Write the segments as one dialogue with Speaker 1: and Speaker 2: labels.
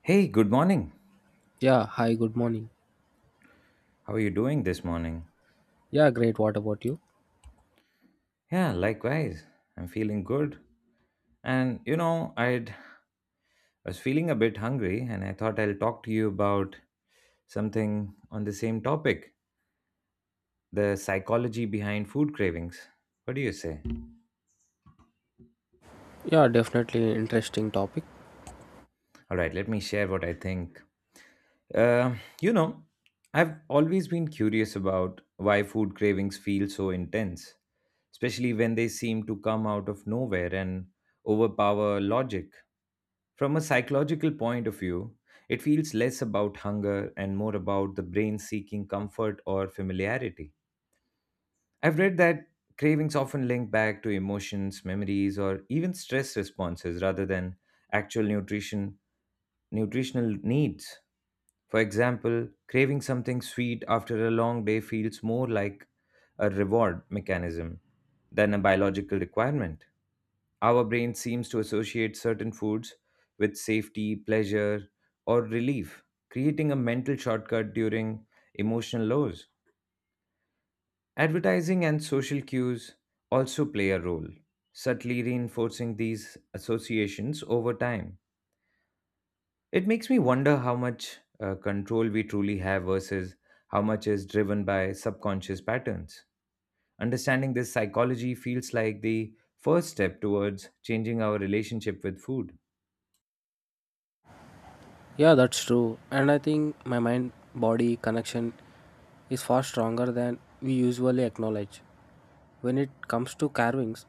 Speaker 1: Hey, good morning.
Speaker 2: Yeah, hi, good morning.
Speaker 1: How are you doing this morning?
Speaker 2: Yeah, great. What about you?
Speaker 1: Yeah, likewise. I'm feeling good. And I was feeling a bit hungry and I thought I'll talk to you about something on the same topic, the psychology behind food cravings. What do you say?
Speaker 2: Yeah, definitely interesting topic.
Speaker 1: All right, let me share what I think. Uh, you know, I've always been curious about why food cravings feel so intense, especially when they seem to come out of nowhere and overpower logic. From a psychological point of view, it feels less about hunger and more about the brain seeking comfort or familiarity. I've read that cravings often link back to emotions, memories, or even stress responses rather than actual nutritional needs. For example, craving something sweet after a long day feels more like a reward mechanism than a biological requirement. Our brain seems to associate certain foods with safety, pleasure, or relief, creating a mental shortcut during emotional lows. Advertising and social cues also play a role, subtly reinforcing these associations over time. It makes me wonder how much control we truly have versus how much is driven by subconscious patterns. Understanding this psychology feels like the first step towards changing our relationship with food.
Speaker 2: Yeah, that's true. And I think my mind body connection is far stronger than we usually acknowledge. When it comes to carvings,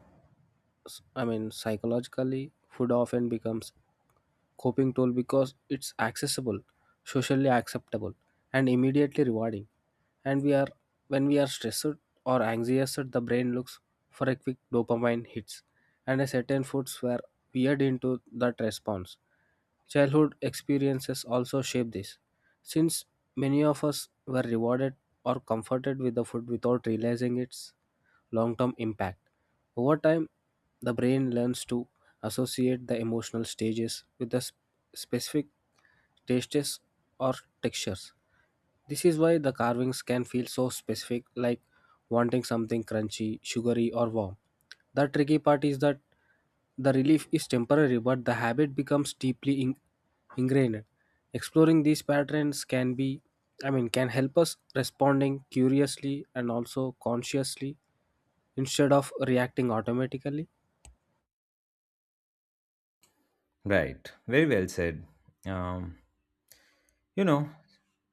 Speaker 2: psychologically, food often becomes coping tool because it's accessible, socially acceptable, and immediately rewarding. And we are When we are stressed or anxious, the brain looks for a quick dopamine hits, and a certain foods were weird into that response. Childhood experiences also shape this, since many of us were rewarded or comforted with the food without realizing its long term impact. Over time, the brain learns to associate the emotional stages with the specific tastes or textures. This is why the carvings can feel so specific, like wanting something crunchy, sugary, or warm. The tricky part is that the relief is temporary, but the habit becomes deeply ingrained. Exploring these patterns can be, can help us responding curiously and also consciously instead of reacting automatically.
Speaker 1: Right, very well said. Um, You know,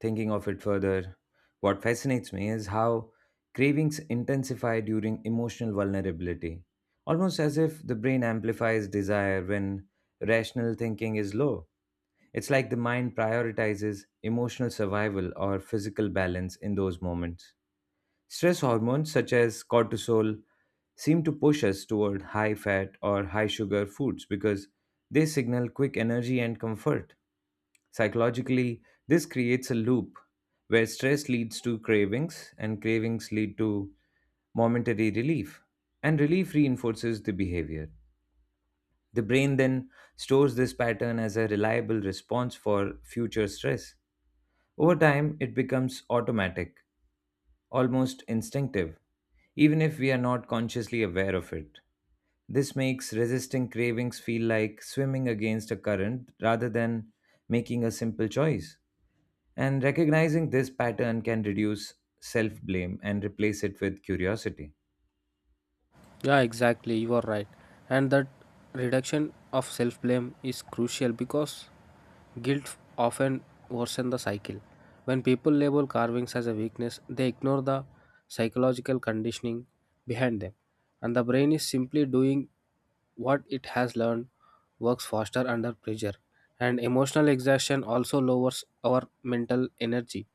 Speaker 1: Thinking of it further, what fascinates me is how cravings intensify during emotional vulnerability, almost as if the brain amplifies desire when rational thinking is low. It's like the mind prioritizes emotional survival or physical balance in those moments. Stress hormones such as cortisol seem to push us toward high fat or high sugar foods because they signal quick energy and comfort. Psychologically, this creates a loop where stress leads to cravings and cravings lead to momentary relief, and relief reinforces the behavior. The brain then stores this pattern as a reliable response for future stress. Over time, it becomes automatic, almost instinctive, even if we are not consciously aware of it. This makes resisting cravings feel like swimming against a current rather than making a simple choice. And recognizing this pattern can reduce self blame and replace it with curiosity.
Speaker 2: Yeah, exactly. You are right. And that reduction of self blame is crucial because guilt often worsens the cycle. When people label carvings as a weakness, they ignore the psychological conditioning behind them. And the brain is simply doing what it has learned, works faster under pressure. And emotional exhaustion also lowers our mental energy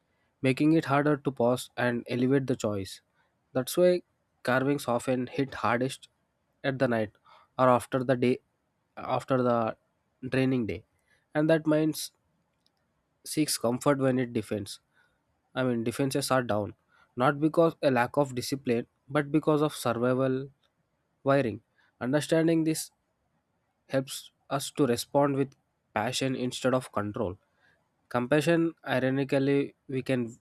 Speaker 2: making it harder to pause and elevate the choice. That's why carvings often hit hardest at the night or after the day after the draining day. And that mind seeks comfort when it defends. I mean defenses are down. Not because a lack of discipline, but because of survival wiring. Understanding this helps us to respond with passion instead of control. Compassion, ironically, we can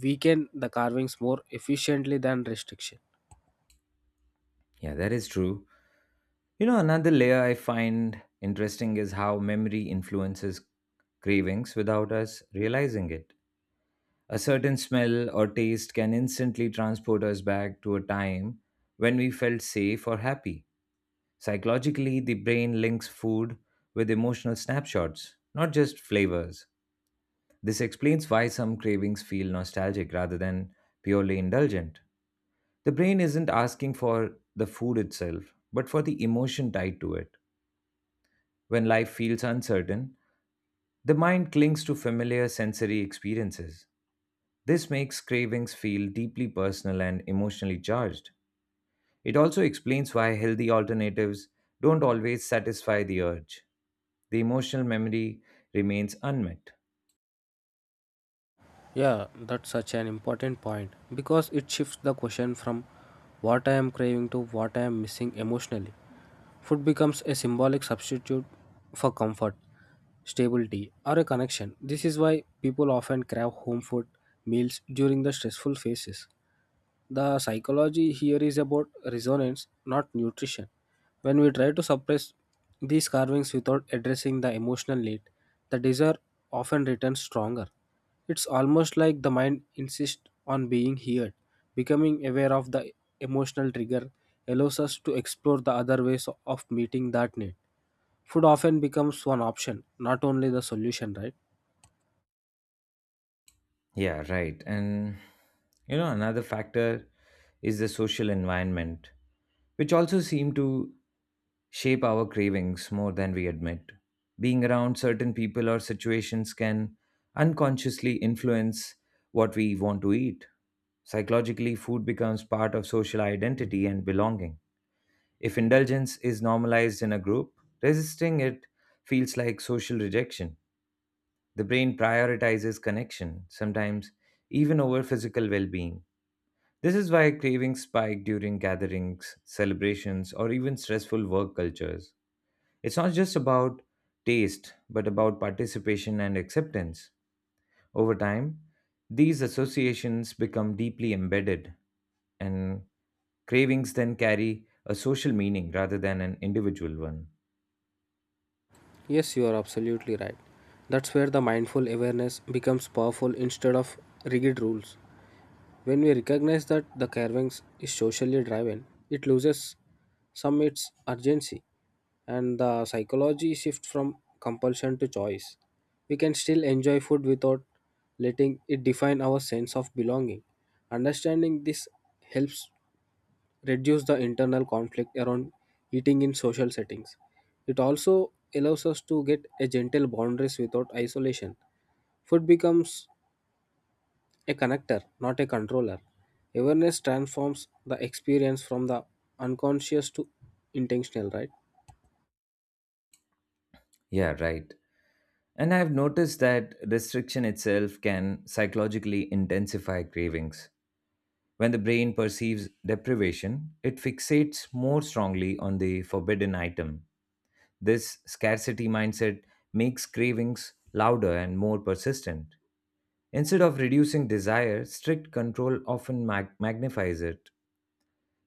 Speaker 2: weaken the carvings more efficiently than restriction.
Speaker 1: Yeah, that is true. You know, another layer I find interesting is how memory influences cravings without us realizing it. A certain smell or taste can instantly transport us back to a time when we felt safe or happy. Psychologically, the brain links food with emotional snapshots, not just flavors. This explains why some cravings feel nostalgic rather than purely indulgent. The brain isn't asking for the food itself, but for the emotion tied to it. When life feels uncertain, the mind clings to familiar sensory experiences. This makes cravings feel deeply personal and emotionally charged. It also explains why healthy alternatives don't always satisfy the urge. The emotional memory remains unmet.
Speaker 2: Yeah, that's such an important point because it shifts the question from what I am craving to what I am missing emotionally. Food becomes a symbolic substitute for comfort, stability, or a connection. This is why people often crave home food meals during the stressful phases. The psychology here is about resonance, not nutrition. When we try to suppress these carvings without addressing the emotional need, the desire often returns stronger. It's almost like the mind insists on being heard. Becoming aware of the emotional trigger allows us to explore the other ways of meeting that need. Food often becomes one option, not only the solution, right?
Speaker 1: Yeah, right. And you know, another factor is the social environment, which also seem to shape our cravings more than we admit. Being around certain people or situations can unconsciously influence what we want to eat. Psychologically, food becomes part of social identity and belonging. If indulgence is normalized in a group, resisting it feels like social rejection. The brain prioritizes connection, sometimes even over physical well being. This is why cravings spike during gatherings, celebrations, or even stressful work cultures. It's not just about taste, but about participation and acceptance. Over time, these associations become deeply embedded, and cravings then carry a social meaning rather than an individual one.
Speaker 2: Yes, you are absolutely right. That's where the mindful awareness becomes powerful instead of rigid rules. When we recognize that the carvings is socially driven, it loses some its urgency and the psychology shifts from compulsion to choice. We can still enjoy food without letting it define our sense of belonging. Understanding this helps reduce the internal conflict around eating in social settings. It also allows us to get a gentle boundaries without isolation. Food becomes a connector, not a controller. Awareness transforms the experience from the unconscious to intentional, right?
Speaker 1: Yeah, right. And I've noticed that restriction itself can psychologically intensify cravings. When the brain perceives deprivation, it fixates more strongly on the forbidden item. This scarcity mindset makes cravings louder and more persistent. Instead of reducing desire, strict control often magnifies it.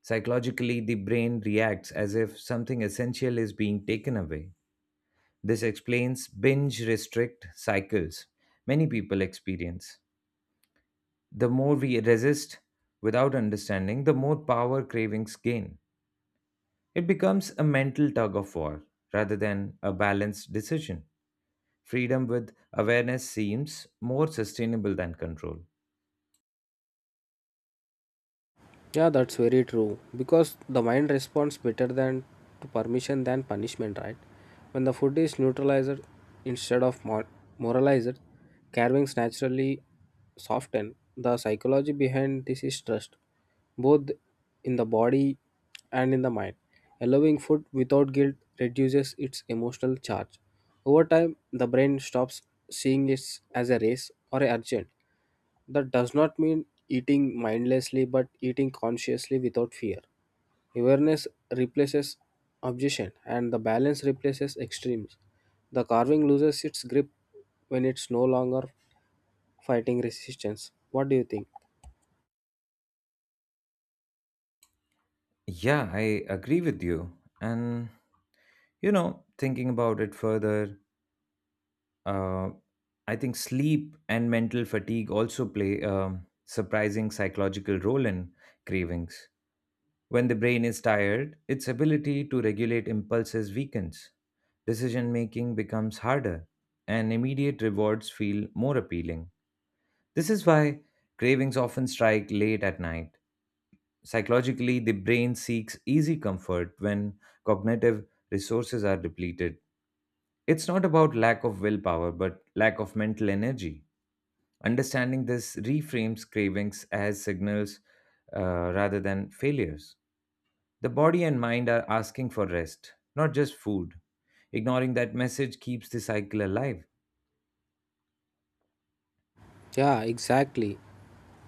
Speaker 1: Psychologically, the brain reacts as if something essential is being taken away. This explains binge restrict cycles many people experience. The more we resist without understanding, the more power cravings gain. It becomes a mental tug of war rather than a balanced decision. Freedom with awareness seems more sustainable than control.
Speaker 2: Yeah, that's very true. Because the mind responds better than to permission than punishment, right? When the food is neutralized instead of moralized, carvings naturally soften. The psychology behind this is trust, both in the body and in the mind. Allowing food without guilt reduces its emotional charge. Over time, the brain stops seeing it as a race or a urgent. That does not mean eating mindlessly, but eating consciously without fear. Awareness replaces obsession, and the balance replaces extremes. The carving loses its grip when it's no longer fighting resistance. What do you think?
Speaker 1: Yeah, I agree with you. And, thinking about it further, uh, I think sleep and mental fatigue also play a surprising psychological role in cravings. When the brain is tired, its ability to regulate impulses weakens. Decision making becomes harder, and immediate rewards feel more appealing. This is why cravings often strike late at night. Psychologically, the brain seeks easy comfort when cognitive resources are depleted. It's not about lack of willpower, but lack of mental energy. Understanding this reframes cravings as signals rather than failures. The body and mind are asking for rest, not just food. Ignoring that message keeps the cycle alive.
Speaker 2: Yeah, exactly.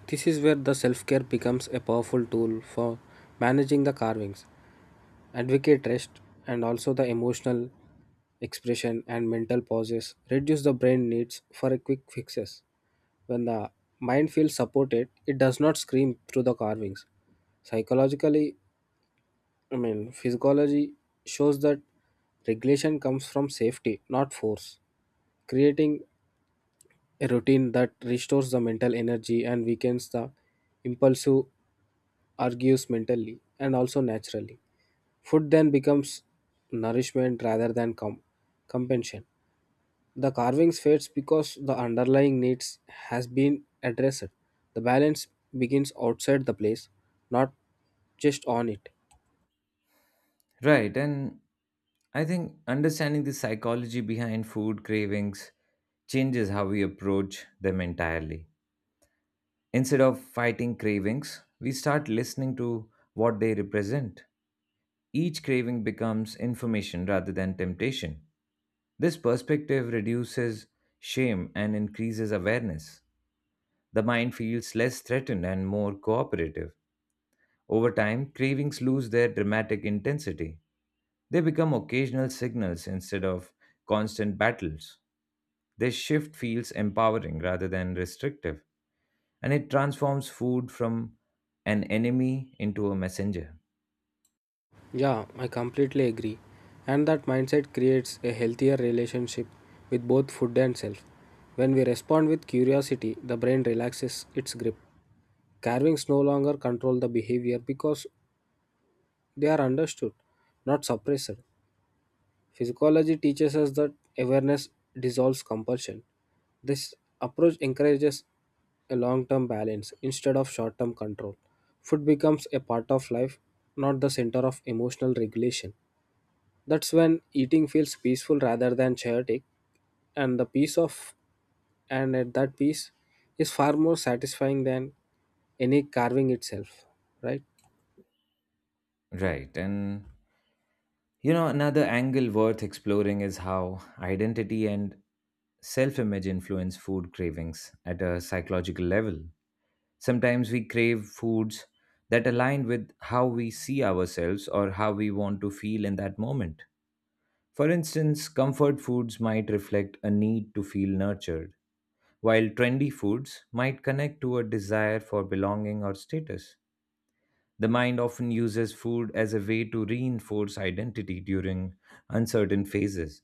Speaker 2: This is where the self care becomes a powerful tool for managing the carvings. Advocate rest and also the emotional expression and mental pauses. Reduce the brain needs for a quick fixes. When the mind feels supported, it does not scream through the carvings. Psychologically, physiology shows that regulation comes from safety, not force. Creating a routine that restores the mental energy and weakens the impulsive argues mentally and also naturally. Food then becomes nourishment rather than compensation. The carvings fades because the underlying needs has been addressed. The balance begins outside the place, not just on it.
Speaker 1: Right, and I think understanding the psychology behind food cravings changes how we approach them entirely. Instead of fighting cravings, we start listening to what they represent. Each craving becomes information rather than temptation. This perspective reduces shame and increases awareness. The mind feels less threatened and more cooperative. Over time, cravings lose their dramatic intensity. They become occasional signals instead of constant battles. This shift feels empowering rather than restrictive, and it transforms food from an enemy into a messenger.
Speaker 2: Yeah, I completely agree. And that mindset creates a healthier relationship with both food and self. When we respond with curiosity, the brain relaxes its grip. Carvings no longer control the behavior because they are understood, not suppressed. Physiology teaches us that awareness dissolves compulsion. This approach encourages a long term balance instead of short term control. Food becomes a part of life, not the center of emotional regulation. That's when eating feels peaceful rather than chaotic, and the peace of and at that peace is far more satisfying than any carving itself, right?
Speaker 1: Right, and you know, another angle worth exploring is how identity and self image influence food cravings at a psychological level. Sometimes we crave foods that align with how we see ourselves or how we want to feel in that moment. For instance, comfort foods might reflect a need to feel nurtured, while trendy foods might connect to a desire for belonging or status. The mind often uses food as a way to reinforce identity during uncertain phases.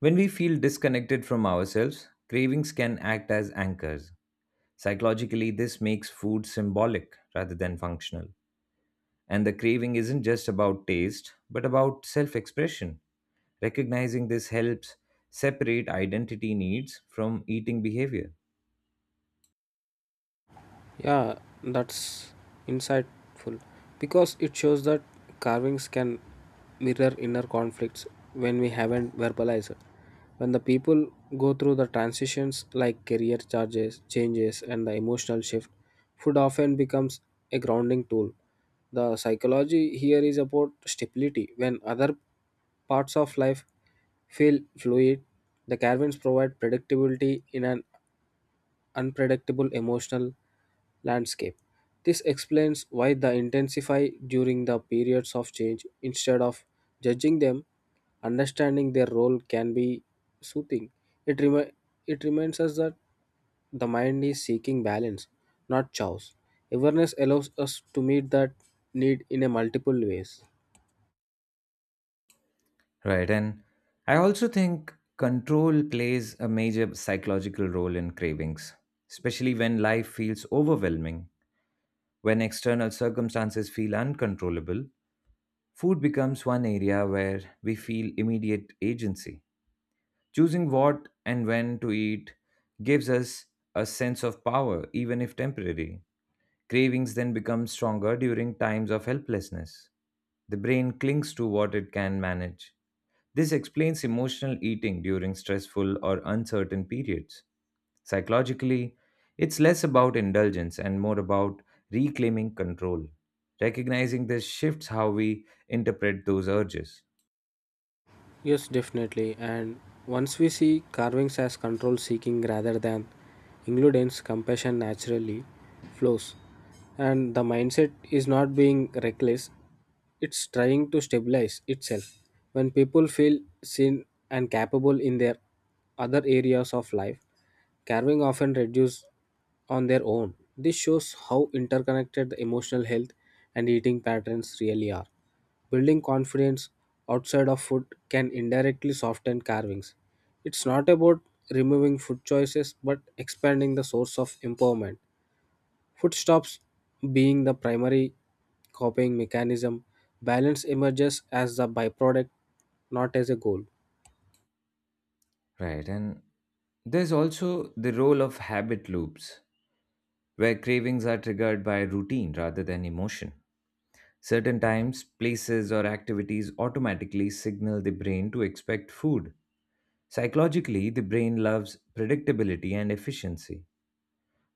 Speaker 1: When we feel disconnected from ourselves, cravings can act as anchors. Psychologically, this makes food symbolic rather than functional. And the craving isn't just about taste, but about self expression. Recognizing this helps separate identity needs from eating behavior.
Speaker 2: Yeah, that's insightful because it shows that carvings can mirror inner conflicts when we haven't verbalized it. When the people go through the transitions like changes, and the emotional shift, food often becomes a grounding tool. The psychology here is about stability. When other parts of life feel fluid, the carvings provide predictability in an unpredictable emotional landscape. This explains why they intensify during the periods of change. Instead of judging them, understanding their role can be soothing. It, remi- it reminds us that the mind is seeking balance, not chaos. Awareness allows us to meet that need in a multiple ways.
Speaker 1: Right. And I also think control plays a major psychological role in cravings, especially when life feels overwhelming, when external circumstances feel uncontrollable. Food becomes one area where we feel immediate agency. Choosing what and when to eat gives us a sense of power, even if temporary. Cravings then become stronger during times of helplessness. The brain clings to what it can manage. This explains emotional eating during stressful or uncertain periods. Psychologically, it's less about indulgence and more about reclaiming control. Recognizing this shifts how we interpret those urges.
Speaker 2: Yes, definitely. And once we see carvings as control seeking rather than includence, compassion naturally flows. And the mindset is not being reckless, it's trying to stabilize itself. When people feel seen and capable in their other areas of life, carving often reduce on their own. This shows how interconnected the emotional health and eating patterns really are. Building confidence outside of food can indirectly soften carvings. It's not about removing food choices but expanding the source of empowerment. Food stops being the primary copying mechanism. Balance emerges as the byproduct, not as a goal.
Speaker 1: Right. And there's also the role of habit loops, where cravings are triggered by routine rather than emotion. Certain times, places, or activities automatically signal the brain to expect food. Psychologically, the brain loves predictability and efficiency.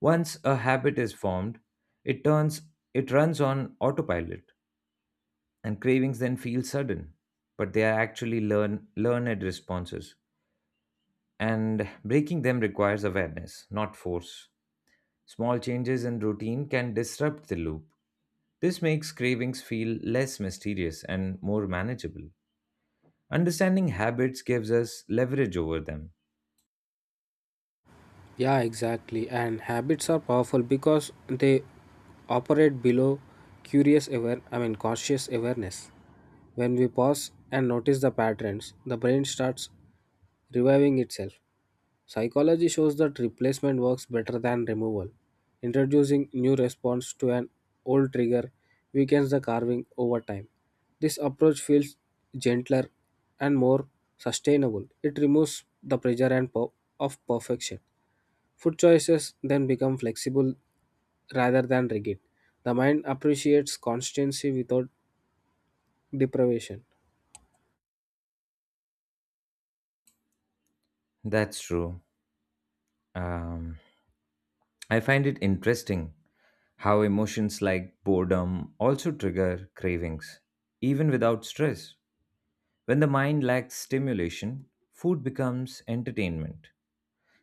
Speaker 1: Once a habit is formed, it turns it runs on autopilot, and cravings then feel sudden, but they are actually learned responses. And breaking them requires awareness, not force. Small changes in routine can disrupt the loop. This makes cravings feel less mysterious and more manageable. Understanding habits gives us leverage over them.
Speaker 2: Yeah, exactly. And habits are powerful because they operate below curious aware I mean conscious awareness. When we pause and notice the patterns, the brain starts reviving itself. Psychology shows that replacement works better than removal. Introducing new response to an old trigger weakens the carving over time. This approach feels gentler and more sustainable. It removes the pressure and per- of perfection. Food choices then become flexible rather than rigid. The mind appreciates constancy without deprivation.
Speaker 1: That's true. Um, I find it interesting how emotions like boredom also trigger cravings, even without stress. When the mind lacks stimulation, food becomes entertainment.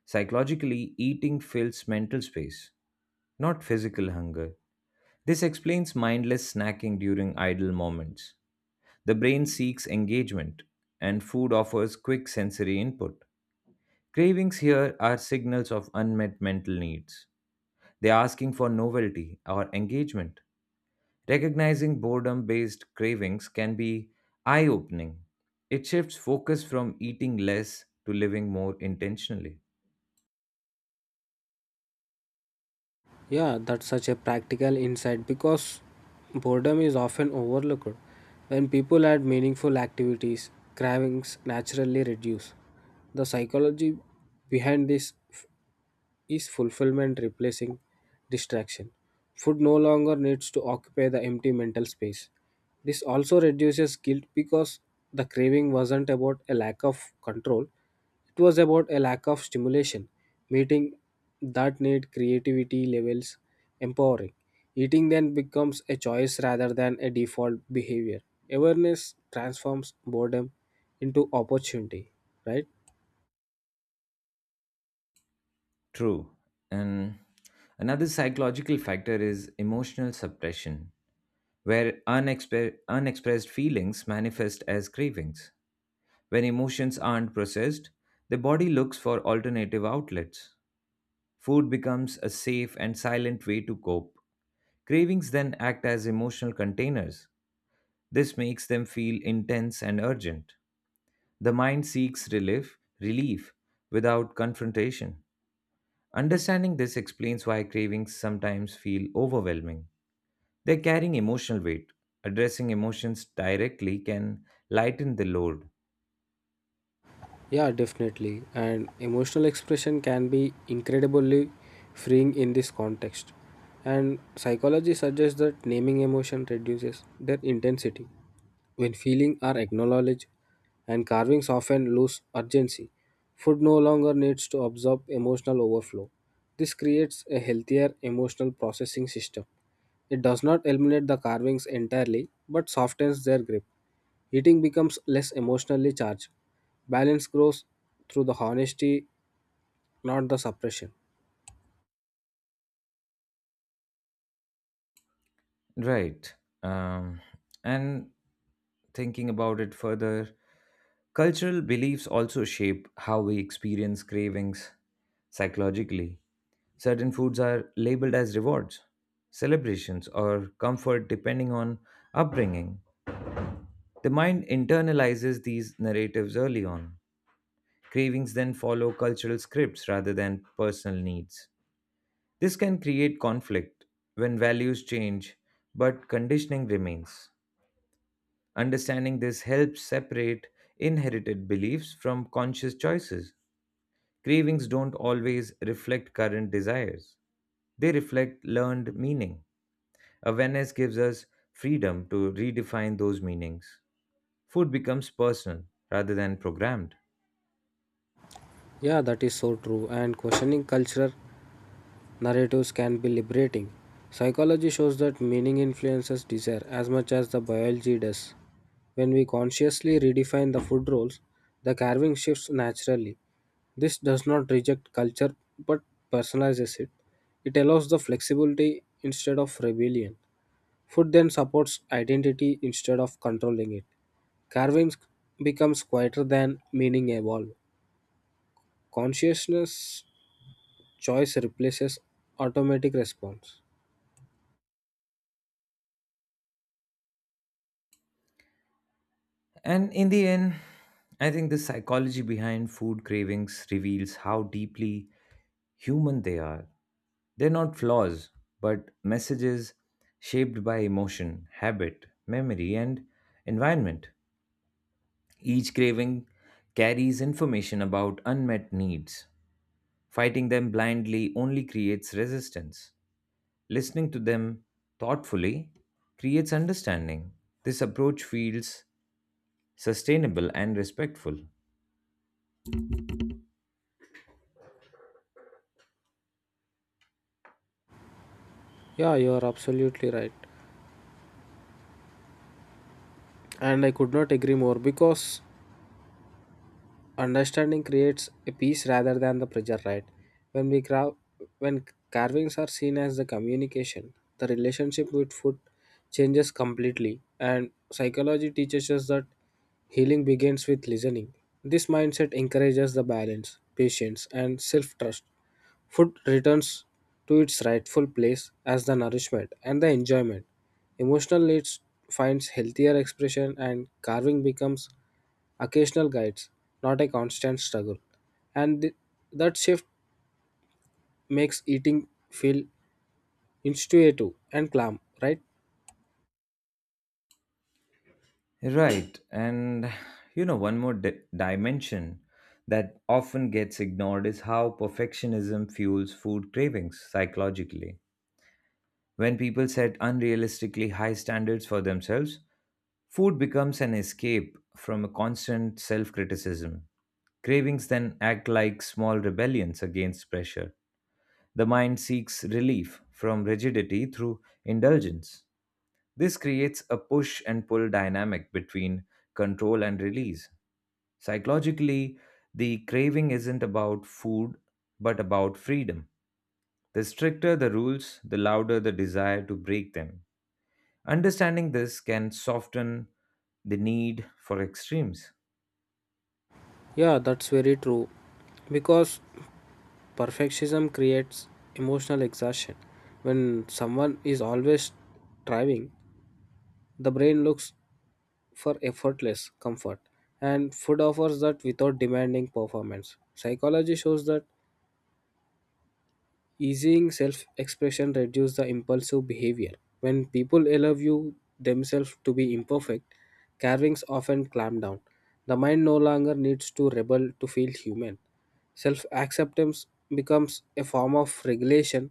Speaker 1: Psychologically, eating fills mental space, not physical hunger. This explains mindless snacking during idle moments. The brain seeks engagement, and food offers quick sensory input. Cravings here are signals of unmet mental needs. They are asking for novelty or engagement. Recognizing boredom based cravings can be eye opening. It shifts focus from eating less to living more intentionally.
Speaker 2: Yeah, that's such a practical insight because boredom is often overlooked. When people add meaningful activities, cravings naturally reduce. The psychology behind this is fulfillment replacing distraction. Food no longer needs to occupy the empty mental space. This also reduces guilt because the craving wasn't about a lack of control, it was about a lack of stimulation, meeting that need creativity levels empowering. Eating then becomes a choice rather than a default behavior. Awareness transforms boredom into opportunity, right?
Speaker 1: True. And another psychological factor is emotional suppression, where unexpressed feelings manifest as cravings. When emotions aren't processed, the body looks for alternative outlets. Food becomes a safe and silent way to cope. Cravings then act as emotional containers. This makes them feel intense and urgent. The mind seeks relief without confrontation. Understanding this explains why cravings sometimes feel overwhelming. They're carrying emotional weight. Addressing emotions directly can lighten the load.
Speaker 2: Yeah, definitely. And emotional expression can be incredibly freeing in this context. And psychology suggests that naming emotion reduces their intensity. When feelings are acknowledged and carvings often lose urgency, food no longer needs to absorb emotional overflow. This creates a healthier emotional processing system. It does not eliminate the carvings entirely but softens their grip. Eating becomes less emotionally charged. Balance grows through the honesty, not the suppression.
Speaker 1: Right. Um, and thinking about it further, cultural beliefs also shape how we experience cravings psychologically. Certain foods are labeled as rewards, celebrations, or comfort depending on upbringing. The mind internalizes these narratives early on. Cravings then follow cultural scripts rather than personal needs. This can create conflict when values change, but conditioning remains. Understanding this helps separate inherited beliefs from conscious choices. Cravings don't always reflect current desires, they reflect learned meaning. Awareness gives us freedom to redefine those meanings. Food becomes personal rather than programmed.
Speaker 2: Yeah, that is so true. And questioning cultural narratives can be liberating. Psychology shows that meaning influences desire as much as the biology does. When we consciously redefine the food roles, the carving shifts naturally. This does not reject culture but personalizes it. It allows the flexibility instead of rebellion. Food then supports identity instead of controlling it. Carving becomes quieter than meaning evolve. Consciousness choice replaces automatic response.
Speaker 1: And in the end, I think the psychology behind food cravings reveals how deeply human they are. They're not flaws, but messages shaped by emotion, habit, memory, and environment. Each craving carries information about unmet needs. Fighting them blindly only creates resistance. Listening to them thoughtfully creates understanding. This approach feels sustainable and respectful.
Speaker 2: Yeah, you are absolutely right. And I could not agree more because understanding creates a peace rather than the pressure, right? When we crav- when carvings are seen as the communication, the relationship with food changes completely, and psychology teaches us that healing begins with listening. This mindset encourages the balance, patience, and self trust. Food returns to its rightful place as the nourishment and the enjoyment. Emotional needs finds healthier expression and carving becomes occasional guides, not a constant struggle. And that shift makes eating feel intuitive and calm, right?
Speaker 1: Right. And you know, one more dimension that often gets ignored is how perfectionism fuels food cravings psychologically. When people set unrealistically high standards for themselves, food becomes an escape from a constant self criticism. Cravings then act like small rebellions against pressure. The mind seeks relief from rigidity through indulgence. This creates a push and pull dynamic between control and release. Psychologically, the craving isn't about food, but about freedom. The stricter the rules, the louder the desire to break them. Understanding this can soften the need for extremes.
Speaker 2: Yeah, that's very true. Because perfectionism creates emotional exhaustion. When someone is always striving, the brain looks for effortless comfort, and food offers that without demanding performance. Psychology shows that easing self expression reduces the impulsive behavior. When people allow you themselves to be imperfect, carvings often clamp down. The mind no longer needs to rebel to feel human. Self acceptance becomes a form of regulation.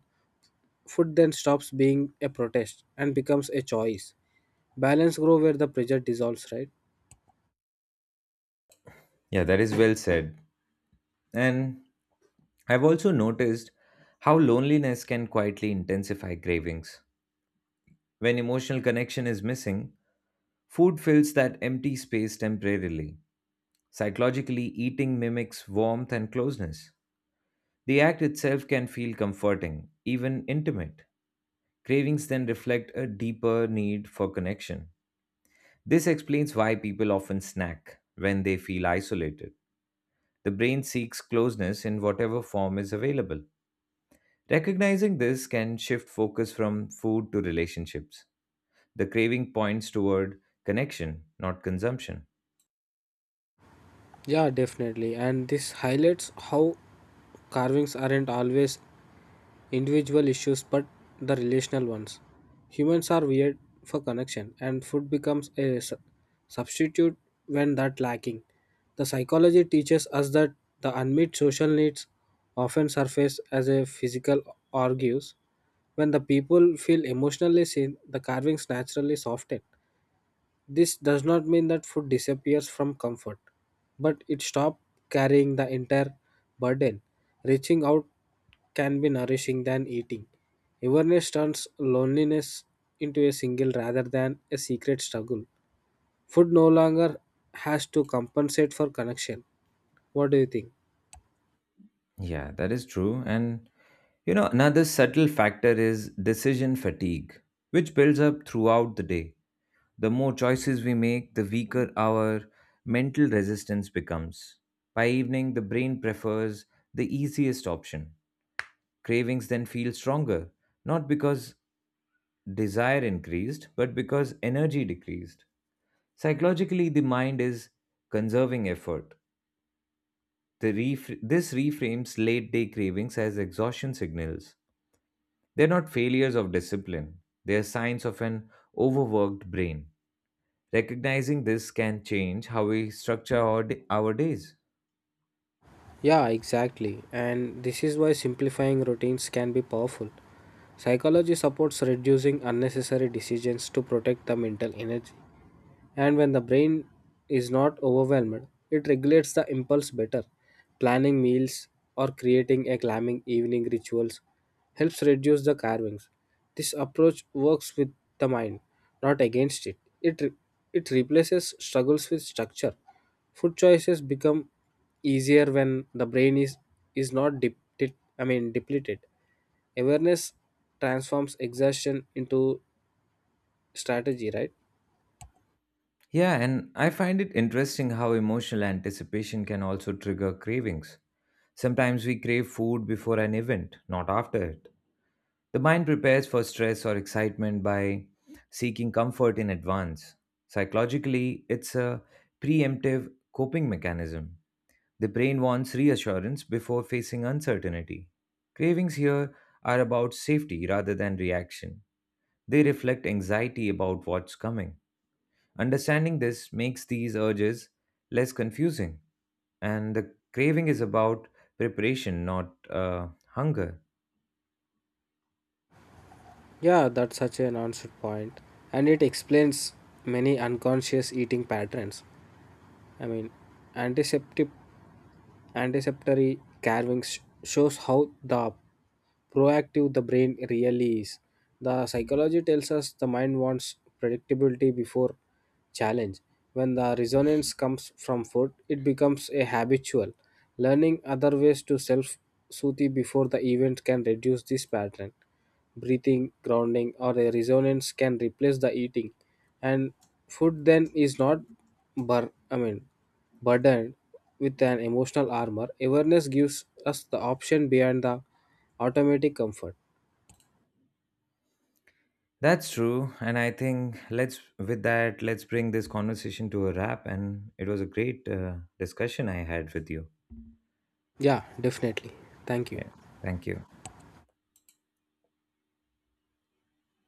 Speaker 2: Food then stops being a protest and becomes a choice. Balance grows where the pressure dissolves, right?
Speaker 1: Yeah, that is well said. And I've also noticed how loneliness can quietly intensify cravings. When emotional connection is missing, food fills that empty space temporarily. Psychologically, eating mimics warmth and closeness. The act itself can feel comforting, even intimate. Cravings then reflect a deeper need for connection. This explains why people often snack when they feel isolated. The brain seeks closeness in whatever form is available. Recognizing this can shift focus from food to relationships. The craving points toward connection, not consumption.
Speaker 2: Yeah, definitely. And this highlights how carvings aren't always individual issues but the relational ones. Humans are weird for connection, and food becomes a substitute when that lacking. The psychology teaches us that the unmet social needs often surface as a physical argues. When the people feel emotionally seen, the carvings naturally soften. This does not mean that food disappears from comfort, but it stops carrying the entire burden. Reaching out can be nourishing than eating. Awareness turns loneliness into a single rather than a secret struggle. Food no longer has to compensate for connection. What do you think?
Speaker 1: Yeah, that is true. And you know, another subtle factor is decision fatigue, which builds up throughout the day. The more choices we make, the weaker our mental resistance becomes. By evening, the brain prefers the easiest option. Cravings then feel stronger, not because desire increased, but because energy decreased. Psychologically, the mind is conserving effort. This reframes late day cravings as exhaustion signals. They're not failures of discipline, they're signs of an overworked brain. Recognizing this can change how we structure our days.
Speaker 2: Yeah, exactly. And this is why simplifying routines can be powerful. Psychology supports reducing unnecessary decisions to protect the mental energy. And when the brain is not overwhelmed, it regulates the impulse better. Planning meals or creating a calming evening rituals helps reduce the carvings. This approach works with the mind, not against it. It replaces struggles with structure. Food choices become easier when is not depleted. Depleted. Awareness transforms exhaustion into strategy, right?
Speaker 1: Yeah, and I find it interesting how emotional anticipation can also trigger cravings. Sometimes we crave food before an event, not after it. The mind prepares for stress or excitement by seeking comfort in advance. Psychologically, it's a preemptive coping mechanism. The brain wants reassurance before facing uncertainty. Cravings here are about safety rather than reaction. They reflect anxiety about what's coming. Understanding this makes these urges less confusing, and the craving is about preparation, not hunger.
Speaker 2: Yeah, that's such an answered point. And it explains many unconscious eating patterns. I mean, antiseptic anticipatory carving shows how the proactive the brain really is. The psychology tells us the mind wants predictability before challenge. When the resonance comes from food, it becomes a habitual. Learning other ways to self soothe before the event can reduce this pattern. Breathing, grounding, or a resonance can replace the eating, and food then is not bur- I mean burdened with an emotional armor. Awareness gives us the option beyond the automatic comfort.
Speaker 1: That's true, and I think let's with that let's bring this conversation to a wrap. And it was a great discussion I had with you.
Speaker 2: Yeah, definitely. Thank you.
Speaker 1: Yeah, thank you.